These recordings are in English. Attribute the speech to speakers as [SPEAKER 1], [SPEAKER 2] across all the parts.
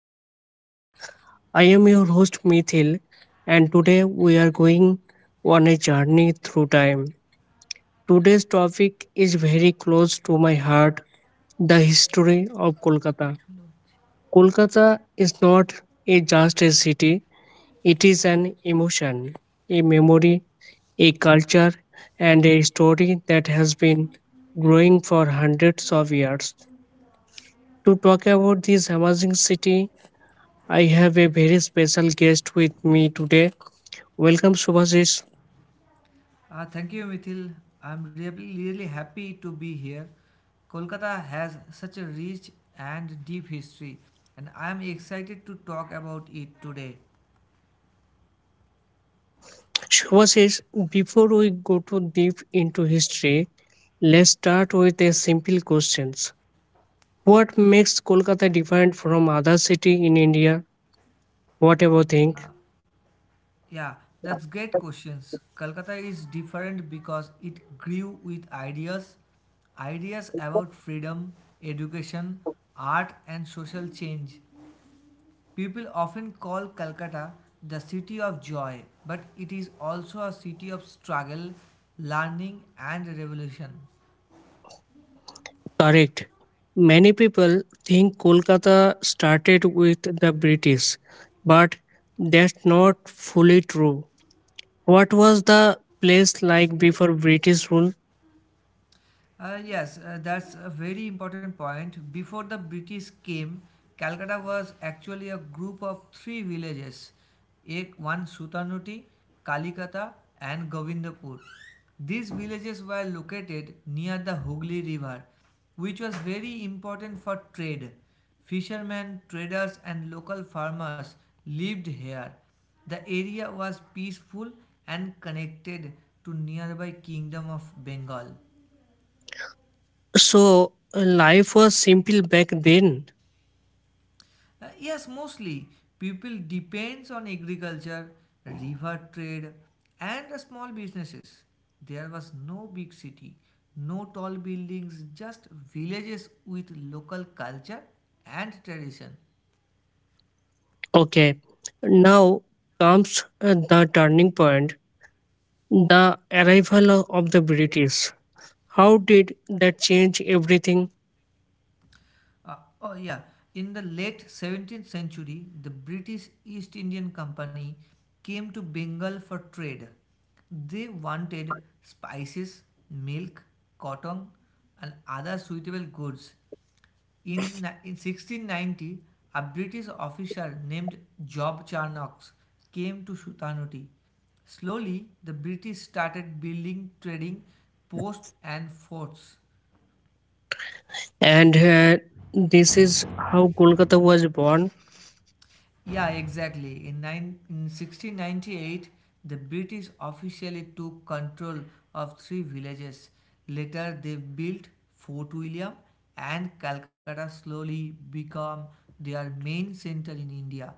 [SPEAKER 1] podcast. I am your host, Mithil, and today we are going on a journey through time. Today's topic is very close to my heart, the history of Kolkata. Kolkata is not a just a city, it is an emotion, a memory, a culture, and a story that has been growing for hundreds of years. To talk about this amazing city, I have a very special guest with me today. Welcome, Subhashish.
[SPEAKER 2] Thank you, Mithil. I'm really happy to be here. Kolkata has such a rich and deep history, and I'm excited to talk about it today.
[SPEAKER 1] Subhashish, before we go too deep into history, let's start with a simple question. What makes Kolkata different from other city in India? Whatever you think?
[SPEAKER 2] Yeah, that's great questions. Kolkata is different because it grew with ideas, ideas about freedom, education, art, and social change. People often call Calcutta the city of joy, but it is also a city of struggle, learning, and revolution.
[SPEAKER 1] Correct. Many people think Kolkata started with the British, but that's not fully true. What was the place like before British rule?
[SPEAKER 2] Yes, that's a very important point. Before the British came, Calcutta was actually a group of three villages ek, one Sutanuti, Kalikata, and Govindapur. These villages were located near the Hooghly River, which was very important for trade. Fishermen, traders, and local farmers lived here. The area was peaceful and connected to nearby kingdom of Bengal.
[SPEAKER 1] So life was simple back then.
[SPEAKER 2] Yes, mostly people depends on agriculture, river trade, and the small businesses. There was no big city, no tall buildings, just villages with local culture and tradition.
[SPEAKER 1] Okay. Now comes the turning point, the arrival of the British. How did that change everything?
[SPEAKER 2] Uh, oh yeah, in the late 17th century, the British East Indian Company came to Bengal for trade. They wanted spices, milk, cotton, and other suitable goods. In, in 1690, a British official named Job Charnock came to Sutanuti. Slowly, the British started building trading posts and forts.
[SPEAKER 1] And this is how Kolkata was born.
[SPEAKER 2] Yeah, exactly. In 1698, the British officially took control of three villages. Later, they built Fort William and Calcutta slowly became their main center in India.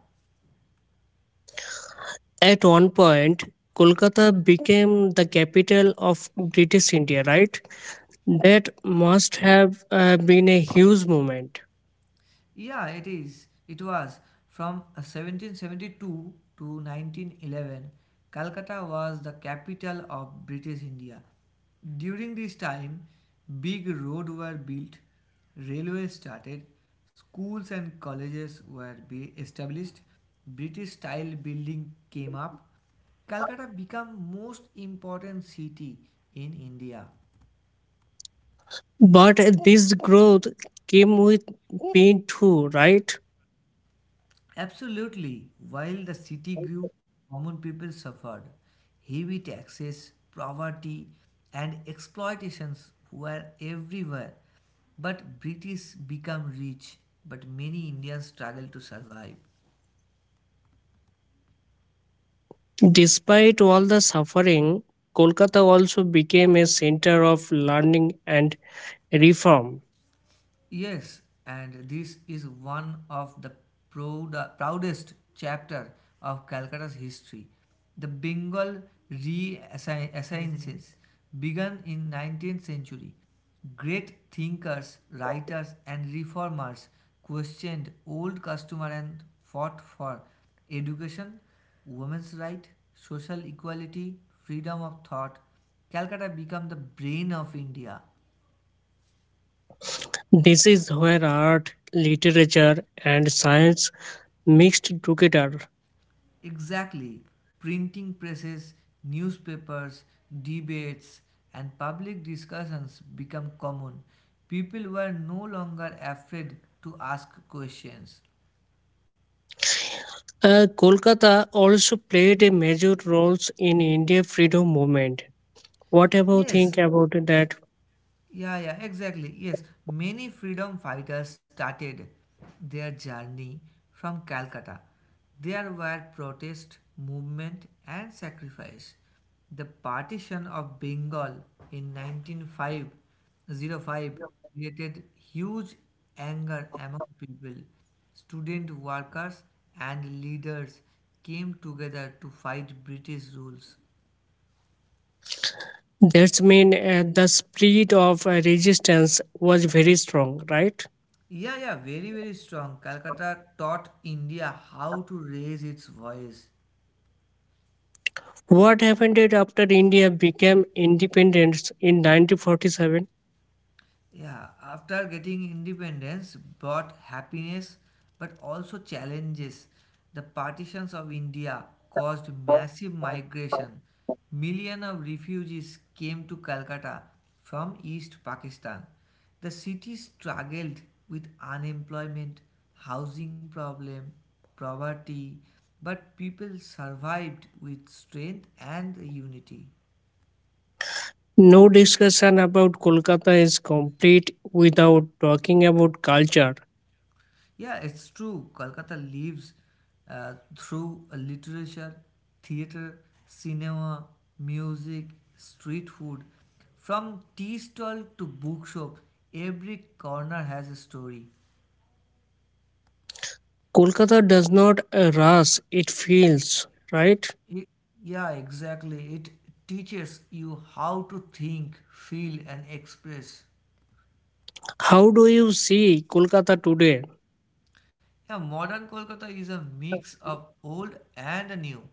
[SPEAKER 1] At one point, Kolkata became the capital of British India, right? That must have been a huge moment.
[SPEAKER 2] Yeah, it is. It was. From 1772 to 1911, Calcutta was the capital of British India. During this time, big roads were built, railways started, schools and colleges were be established, British style building came up. Calcutta became most important city in India.
[SPEAKER 1] But this growth came with pain too, right?
[SPEAKER 2] Absolutely. While the city grew, common people suffered. Heavy taxes, poverty, and exploitations were everywhere. But British became rich, but many Indians struggled to survive.
[SPEAKER 1] Despite all the suffering, Kolkata also became a center of learning and reform.
[SPEAKER 2] Yes, and this is one of the proudest chapter of Calcutta's history. The Bengal Renaissance began in 19th century. Great thinkers, writers and reformers questioned old customers and fought for education, women's right, social equality, freedom of thought. Calcutta became the brain of India.
[SPEAKER 1] This is where art, literature, and science mixed together.
[SPEAKER 2] Exactly. Printing presses, newspapers, debates, and public discussions become common. People were no longer afraid to ask questions.
[SPEAKER 1] Kolkata also played a major role in India freedom movement. What about
[SPEAKER 2] Yes,
[SPEAKER 1] think about that?
[SPEAKER 2] Yeah, exactly. Yes, many freedom fighters started their journey from Calcutta. There were protest, movement, and sacrifice. The partition of Bengal in 1905 created huge anger among people. Student workers and leaders came together to fight British rules.
[SPEAKER 1] That's mean the spirit of resistance was very strong, right?
[SPEAKER 2] Yeah, very strong. Calcutta taught India how to raise its voice.
[SPEAKER 1] What happened it after India became independent in 1947?
[SPEAKER 2] Yeah, after getting independence brought happiness but also challenges. The partitions of India caused massive migration. Millions of refugees came to Calcutta from East Pakistan. The city struggled with unemployment, housing problem, poverty, but people survived with strength and unity.
[SPEAKER 1] No discussion about Kolkata is complete without talking about culture.
[SPEAKER 2] Yeah, it's true. Kolkata lives through a literature, theater, cinema, music, street food. From tea stall to bookshop, every corner has a story.
[SPEAKER 1] Kolkata does not rush, it feels, right?
[SPEAKER 2] It, yeah, exactly. It teaches you how to think, feel, and express.
[SPEAKER 1] How do you see Kolkata today?
[SPEAKER 2] Yeah, modern Kolkata is a mix of old and new.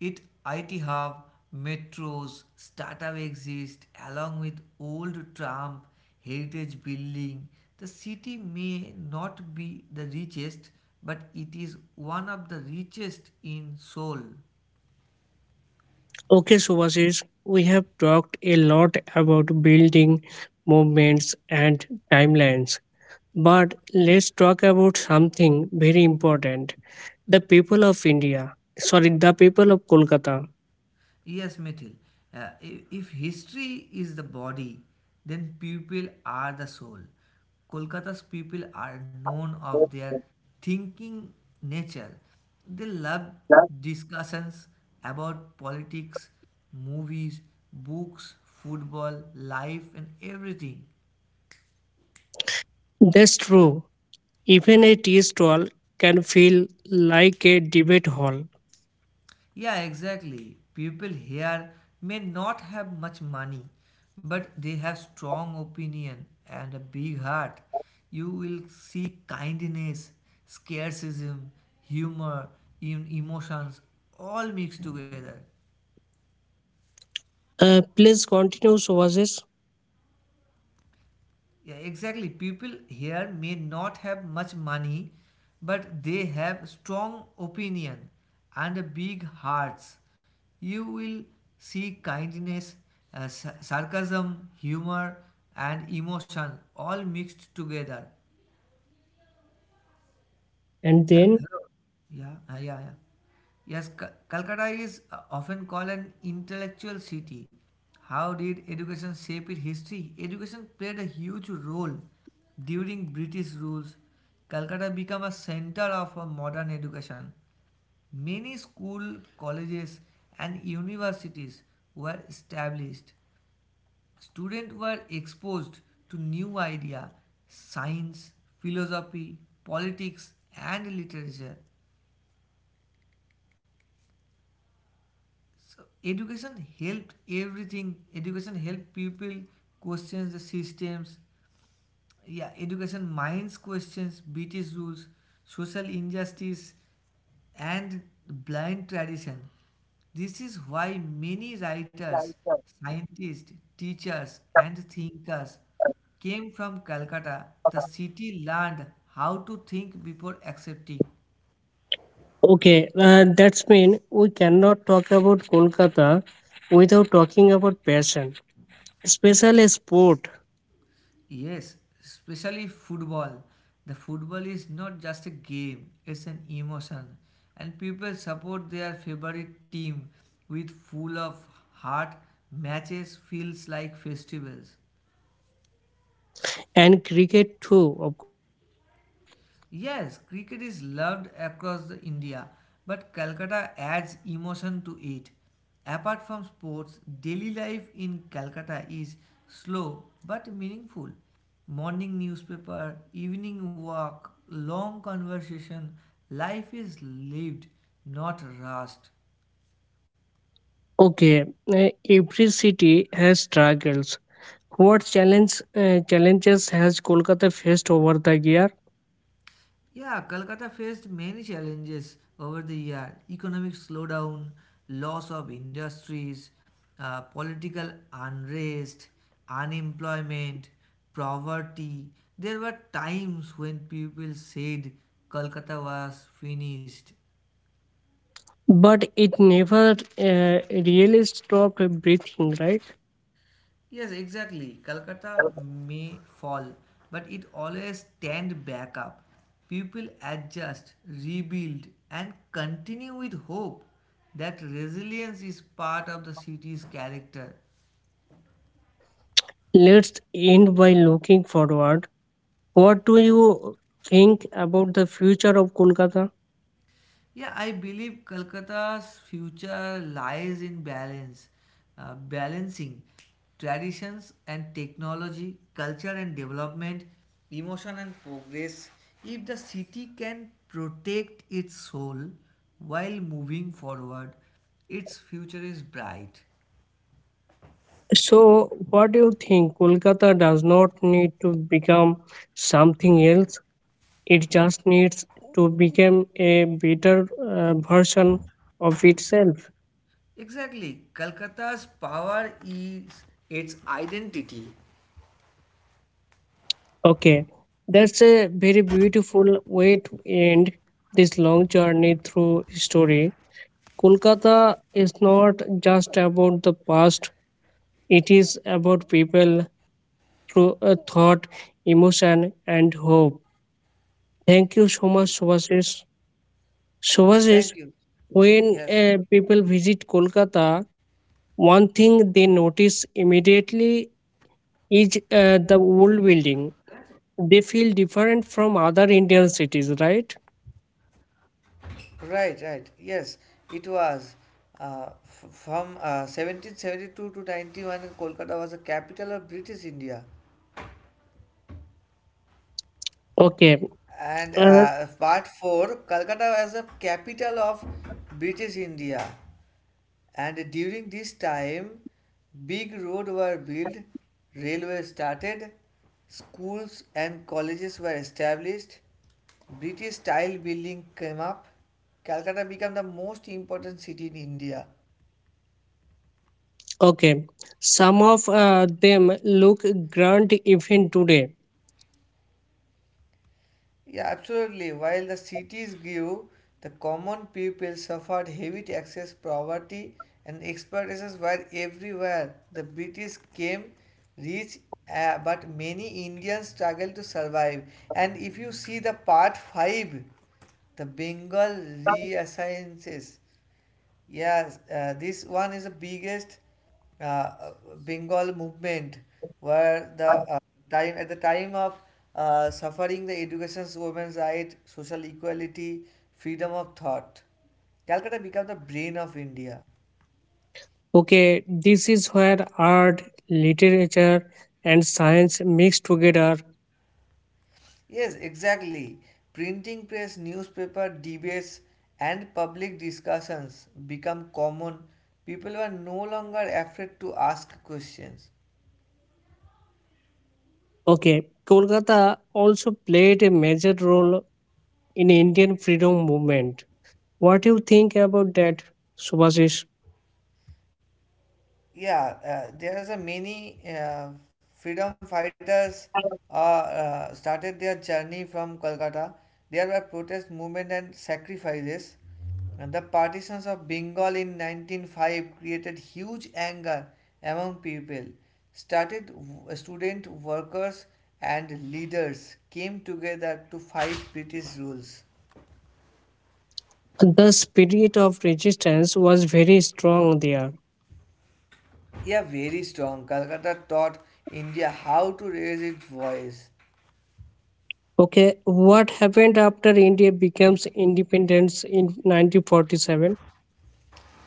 [SPEAKER 2] It IT hub, metros, startup exist along with old tram, heritage building. The city may not be the richest, but it is one of the richest in Seoul.
[SPEAKER 1] Okay, Subhashish, we have talked a lot about building movements and timelines, but let's talk about something very important. The people of India, sorry, the people of Kolkata.
[SPEAKER 2] Yes, Mithil. If history is the body, then people are the soul. Kolkata's people are known of their thinking nature. They love discussions about politics, movies, books, football, life, and everything.
[SPEAKER 1] That's true. Even a tea stall can feel like a debate hall.
[SPEAKER 2] Yeah, exactly. People here may not have much money, but they have strong opinion and a big heart. You will see kindness, scarcism, humor, emotions all mixed together.
[SPEAKER 1] Please continue, Subhashish.
[SPEAKER 2] Yeah, exactly. People here may not have much money, but they have strong opinion and big hearts. You will see kindness, sarcasm, humor, and emotion all mixed together.
[SPEAKER 1] And
[SPEAKER 2] Yeah,
[SPEAKER 1] then,
[SPEAKER 2] hello. Yeah, yeah, yeah. Yes, Ca- Calcutta is often called an intellectual city. How did education shape its history? Education played a huge role during British rules. Calcutta became a center of modern education. Many school, colleges, and universities were established. Students were exposed to new idea, science, philosophy, politics, and literature. So education helped everything. Education helped people question the systems. Yeah, education minds questions British rules, social injustice, and blind tradition. This is why many writers, scientists, teachers, and thinkers came from Calcutta. The city learned how to think before accepting.
[SPEAKER 1] okay, that's mean we cannot talk about Kolkata without talking about passion. Special sport
[SPEAKER 2] Yes, especially football. The football is not just a game, it's an emotion. And people support their favorite team with full of heart. Matches feels like festivals.
[SPEAKER 1] and cricket too, of course.
[SPEAKER 2] Yes, cricket is loved across the India, but Calcutta adds emotion to it. Apart from sports, daily life in Calcutta is slow but meaningful. Morning newspaper, evening walk, long conversation, life is lived, not rushed.
[SPEAKER 1] Okay, every city has struggles. What challenges has Kolkata faced over the year?
[SPEAKER 2] Yeah, Kolkata faced many challenges over the year economic slowdown, loss of industries, political unrest, unemployment, poverty. There were times when people said Kolkata was finished.
[SPEAKER 1] But it never really stopped breathing, right?
[SPEAKER 2] Yes, exactly. Calcutta may fall, but it always stand back up. People adjust, rebuild, and continue with hope. That resilience is part of the city's character.
[SPEAKER 1] Let's end by looking forward. What do you think about the future of Kolkata?
[SPEAKER 2] Yeah, I believe Calcutta's future lies in balance, balancing traditions and technology, culture and development, emotion and progress. If the city can protect its soul while moving forward, its future is bright.
[SPEAKER 1] So, what do you think? Kolkata does not need to become something else. It just needs to become a better version of itself.
[SPEAKER 2] Exactly, Calcutta's power is its identity.
[SPEAKER 1] Okay, that's a very beautiful way to end this long journey through history. Kolkata is not just about the past, it is about people through a thought, emotion, and hope. Thank you so much,
[SPEAKER 2] Ye-
[SPEAKER 1] Subhashish.
[SPEAKER 2] Yeah,
[SPEAKER 1] Subhashish,
[SPEAKER 2] thank you.
[SPEAKER 1] when
[SPEAKER 2] Yes.
[SPEAKER 1] people visit Kolkata, one thing they notice immediately is the old building. They feel different from other Indian cities, right?
[SPEAKER 2] Right, right. Yes, it was. From 1772 to 91, Kolkata was the capital of British India.
[SPEAKER 1] Okay.
[SPEAKER 2] And
[SPEAKER 1] Uh,
[SPEAKER 2] part 4, Kolkata was the capital of British India. And during this time, big roads were built, railways started, schools and colleges were established, British style building came up. Calcutta became the most important city in India.
[SPEAKER 1] okay. Some of them look grand even today.
[SPEAKER 2] Yeah, absolutely. While the cities grew, the common people suffered heavy taxes, poverty, and exploitations were everywhere. The British came rich, but many Indians struggled to survive. And if you see the part 5, the Bengal reassignances. Yes, this one is the biggest uh, uh, Bengal movement where the time of suffering the education's women's right, social equality, freedom of thought. Calcutta became the brain of India.
[SPEAKER 1] Okay. This is where art, literature, and science mix together.
[SPEAKER 2] Yes, exactly. Printing press, newspaper, debates, and public discussions become common. People were no longer afraid to ask questions.
[SPEAKER 1] Okay. Kolkata also played a major role in Indian freedom movement. What do you think about that, Subhashish?
[SPEAKER 2] Yeah, there's a many freedom fighters started their journey from Kolkata. There were protest movement and sacrifices. And the partitions of Bengal in 1905 created huge anger among people. Student workers and leaders came together to fight British rules.
[SPEAKER 1] The spirit of resistance was very strong there.
[SPEAKER 2] Yeah, very strong. Calcutta taught India how to raise its voice.
[SPEAKER 1] Okay, what happened after India becomes independence in 1947?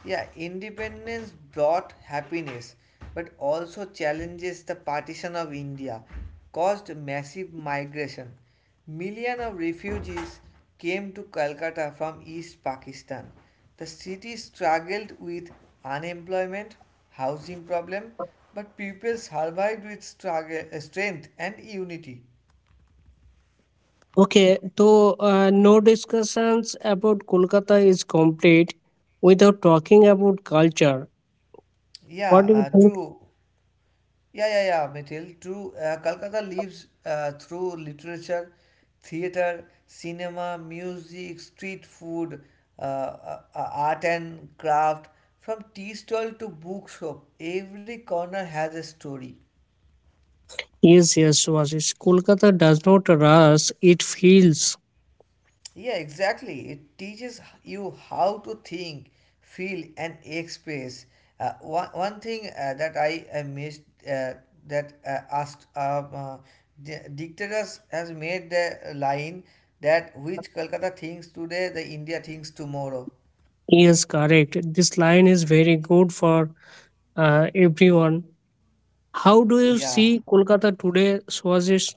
[SPEAKER 2] Yeah, independence brought happiness but also challenges the partition of India, caused massive migration. Millions of refugees came to Calcutta from East Pakistan. The city struggled with unemployment, housing problem, but people survived with struggle, strength and unity.
[SPEAKER 1] Okay, so no discussions about Kolkata is complete without talking about culture.
[SPEAKER 2] Yeah,
[SPEAKER 1] What do you think?
[SPEAKER 2] True. Yeah, Mithil. True, Kolkata lives through literature, theatre, cinema, music, street food, art and craft. From tea stall to bookshop, every corner has a story.
[SPEAKER 1] Yes, yes, Vasis. Kolkata does not rush, it feels.
[SPEAKER 2] Yeah, exactly. It teaches you how to think, feel, and express. One thing that I missed that asked the dictators has made the line that which Kolkata thinks today, the India thinks tomorrow.
[SPEAKER 1] Yes, correct. This line is very good for everyone. How do you
[SPEAKER 2] Yeah.
[SPEAKER 1] see Kolkata today, Swazish?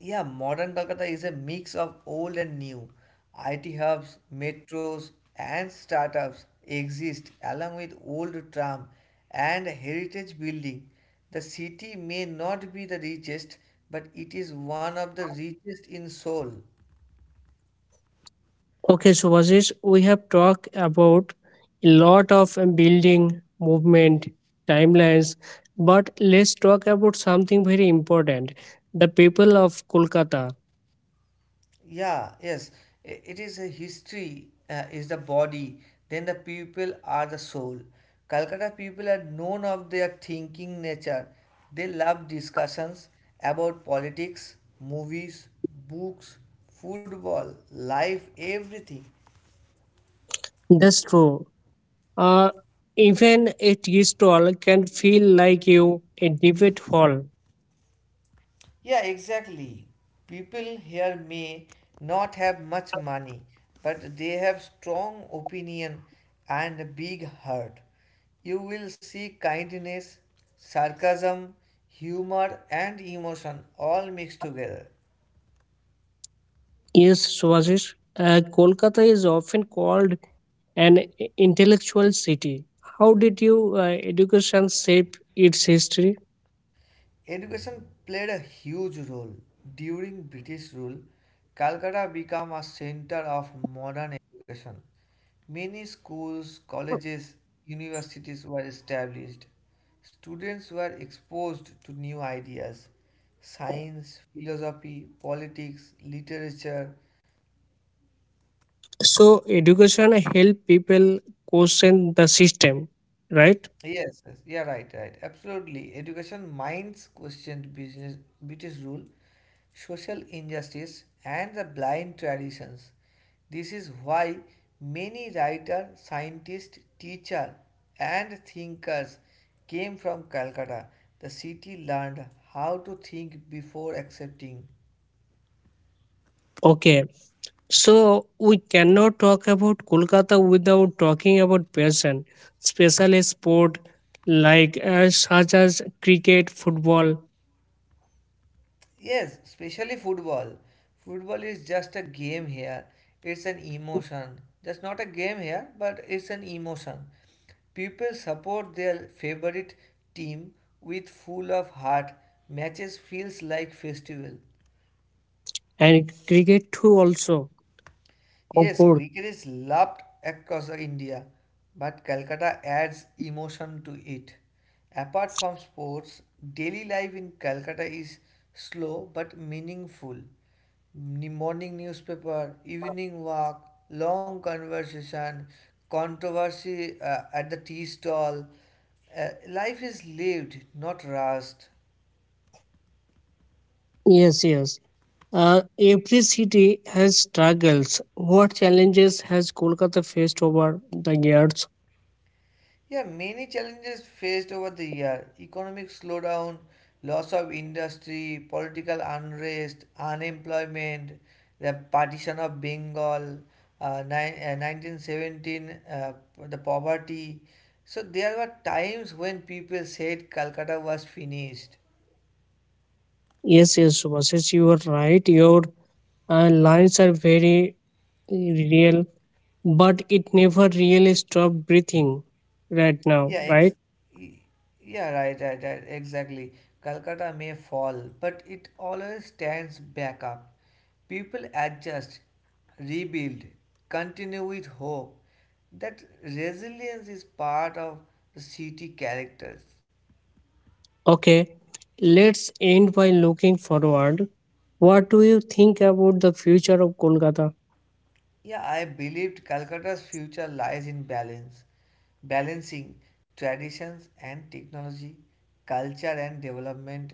[SPEAKER 2] Yeah, modern Kolkata is a mix of old and new. IT hubs, metros, and startups exist along with old tram and heritage building. The city may not be the richest, but it is one of the richest in soul.
[SPEAKER 1] Okay, Subhashish, we have talked about a lot of building, movement, timelines, but let's talk about something very important, the people of Kolkata.
[SPEAKER 2] Yeah, yes, it is a history, is the body, then the people are the soul. Calcutta people are known of their thinking nature. They love discussions about politics, movies, books, football, life, everything.
[SPEAKER 1] That's true. Uh, Even a tea stall can feel like you a debate hall.
[SPEAKER 2] Yeah, exactly. People here may not have much money, but they have strong opinion and a big heart. You will see kindness, sarcasm, humor and emotion all mixed together.
[SPEAKER 1] Yes, Subhashish, Kolkata is often called an intellectual city. How did you education shape its history?
[SPEAKER 2] Education played a huge role. During British rule, Calcutta became a center of modern education. Many schools, colleges, universities were established. Students were exposed to new ideas science, philosophy, politics, literature,
[SPEAKER 1] So education help people question the system, right?
[SPEAKER 2] Yes, yeah, right. Absolutely. Education minds questioned business, British rule, social injustice, and the blind traditions. This is why many writer, scientist, teacher, and thinkers came from Calcutta. The city learned how to think before accepting,
[SPEAKER 1] Okay. So we cannot talk about Kolkata without talking about passion, especially sport like such as cricket, football,
[SPEAKER 2] Yes, especially football. Football is just a game here. It's an emotion. Just not a game here, but it's an emotion. People support their favorite team with full of heart. Matches feels like festival.
[SPEAKER 1] and cricket too. Also, of
[SPEAKER 2] Yes,
[SPEAKER 1] course.
[SPEAKER 2] cricket is loved across the India, but Calcutta adds emotion to it. Apart from sports, daily life in Calcutta is slow but meaningful. Morning newspaper, evening walk, long conversation, controversy at the tea stall. Life is lived, not rushed.
[SPEAKER 1] Yes, yes. Every city has struggles. What challenges has Kolkata faced over the years?
[SPEAKER 2] Yeah, many challenges faced over the year economic slowdown, loss of industry, political unrest, unemployment, the partition of Bengal, 1917, the poverty. So, there were times when people said Calcutta was finished.
[SPEAKER 1] Yes, yes, Subhasis, you are right. Your lines are very real, but it never really stopped breathing right now,
[SPEAKER 2] Yeah,
[SPEAKER 1] right?
[SPEAKER 2] ex- y- yeah, right, exactly. Calcutta may fall, but it always stands back up. People adjust, rebuild, continue with hope. That resilience is part of the city characters.
[SPEAKER 1] Okay, let's end by looking forward. What do you think about the future of Kolkata?
[SPEAKER 2] Yeah, I believed Calcutta's future lies in balance, balancing traditions and technology, culture and development,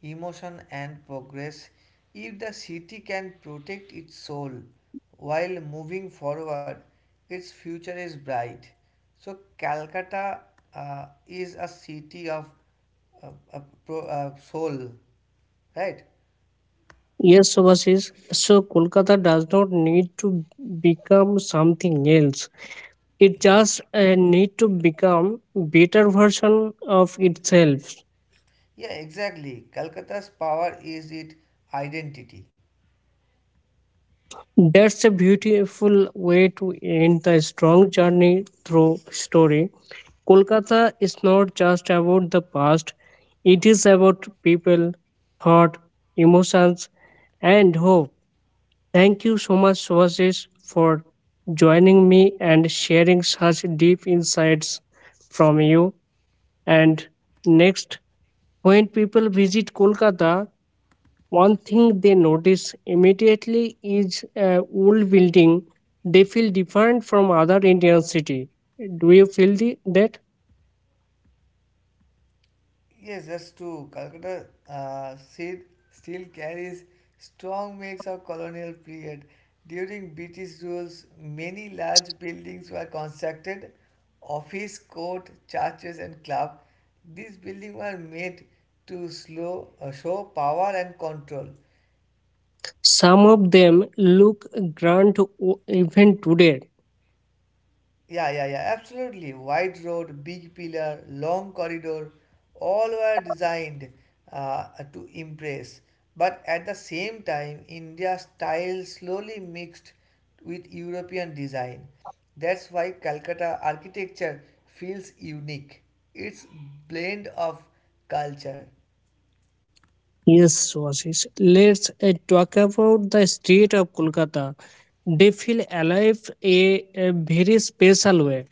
[SPEAKER 2] emotion and progress. If the city can protect its soul while moving forward, its future is bright. So, Calcutta is a city of uh, uh, soul. Right?
[SPEAKER 1] Yes, Subhasis. So Kolkata does not need to become something else. It just need to become better version of itself.
[SPEAKER 2] Yeah, exactly. Calcutta's power is its identity.
[SPEAKER 1] That's a beautiful way to end the strong journey through story. Kolkata is not just about the past, it is about people, thought, emotions, and hope. Thank you so much, Swasis, for joining me and sharing such deep insights from you. And next, when people visit Kolkata, one thing they notice immediately is a old building. They feel different from other Indian city. Do you feel the, that?
[SPEAKER 2] Yes, that's true. Calcutta seed still carries strong marks of colonial period. During British rules, many large buildings were constructed, office, court, churches, and club. These buildings were made to show power and control.
[SPEAKER 1] Some of them look grand even today.
[SPEAKER 2] Yeah, Absolutely. Wide road, big pillar, long corridor, all were designed uh, to impress. But at the same time, India's style slowly mixed with European design. That's why Calcutta architecture feels unique. It's blend of culture.
[SPEAKER 1] Yes, Swashish. Let's talk about the street of Kolkata. They feel alive a very special way.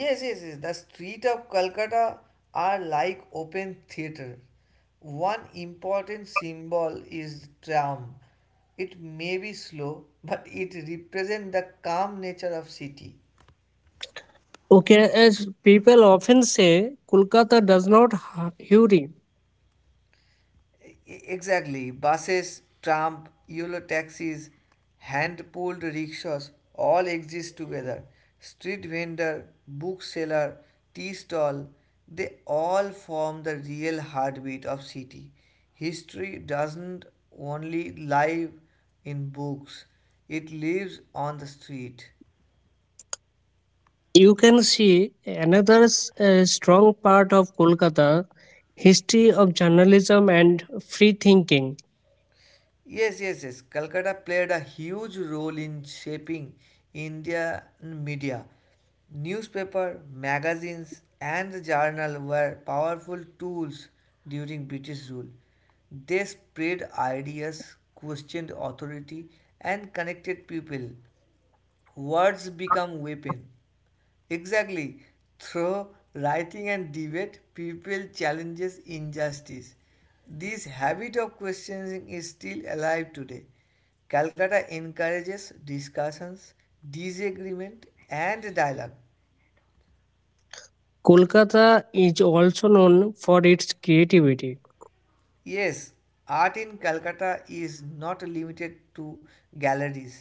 [SPEAKER 2] Yes. The street of Calcutta are like open theater. One important symbol is tram. It may be slow, but it represents the calm nature of city.
[SPEAKER 1] Okay, as people often say, Kolkata does not hurry.
[SPEAKER 2] E- Exactly. Buses, tram, Euro taxis, hand-pulled rickshaws all exist together. Street vendor, bookseller, tea stall, they all form the real heartbeat of city. History doesn't only live in books, it lives on the street.
[SPEAKER 1] You can see another strong part of Kolkata, history of journalism and free thinking.
[SPEAKER 2] Yes. Calcutta played a huge role in shaping Indian media. Newspaper, magazines, and the journal were powerful tools during British rule. They spread ideas, questioned authority, and connected people. Words become weapon. Exactly. Through writing and debate, people challenges injustice. This habit of questioning is still alive today. Calcutta encourages discussions, disagreement, and dialogue.
[SPEAKER 1] Kolkata is also known for its creativity.
[SPEAKER 2] Yes, art in Calcutta is not limited to galleries.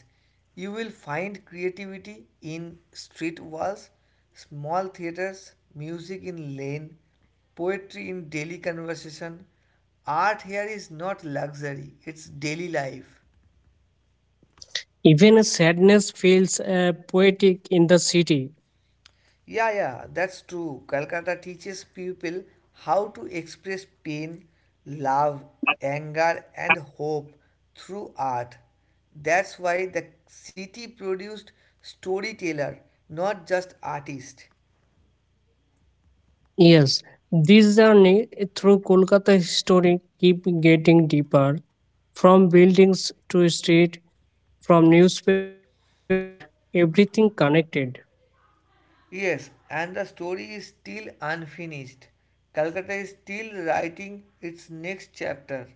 [SPEAKER 2] You will find creativity in street walls, small theatres, music in lane, poetry in daily conversation. Art here is not luxury, it's daily life.
[SPEAKER 1] Even sadness feels poetic in the city.
[SPEAKER 2] Yeah, that's true. Calcutta teaches people how to express pain, love, anger, and hope through art. That's why the city produced storyteller, not just artist.
[SPEAKER 1] Yes, this journey through Kolkata history keep getting deeper, from buildings to street, from newspaper to art, everything connected.
[SPEAKER 2] Yes, and the story is still unfinished. Calcutta is still writing its next chapter.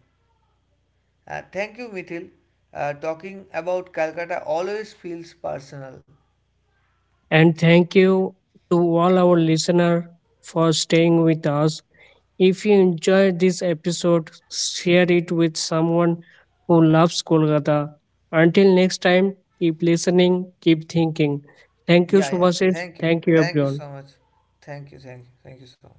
[SPEAKER 2] Thank you, Mithil. Talking about Calcutta always feels personal.
[SPEAKER 1] And thank you to all our listener for staying with us. If you enjoyed this episode, share it with someone who loves Kolkata. Until next time, keep listening, keep thinking. Thank you,
[SPEAKER 2] Yeah.
[SPEAKER 1] Subhasis.
[SPEAKER 2] Thank you.
[SPEAKER 1] Thank you,
[SPEAKER 2] Thank you
[SPEAKER 1] everyone.
[SPEAKER 2] so much. Thank you. Thank you. Thank you so much.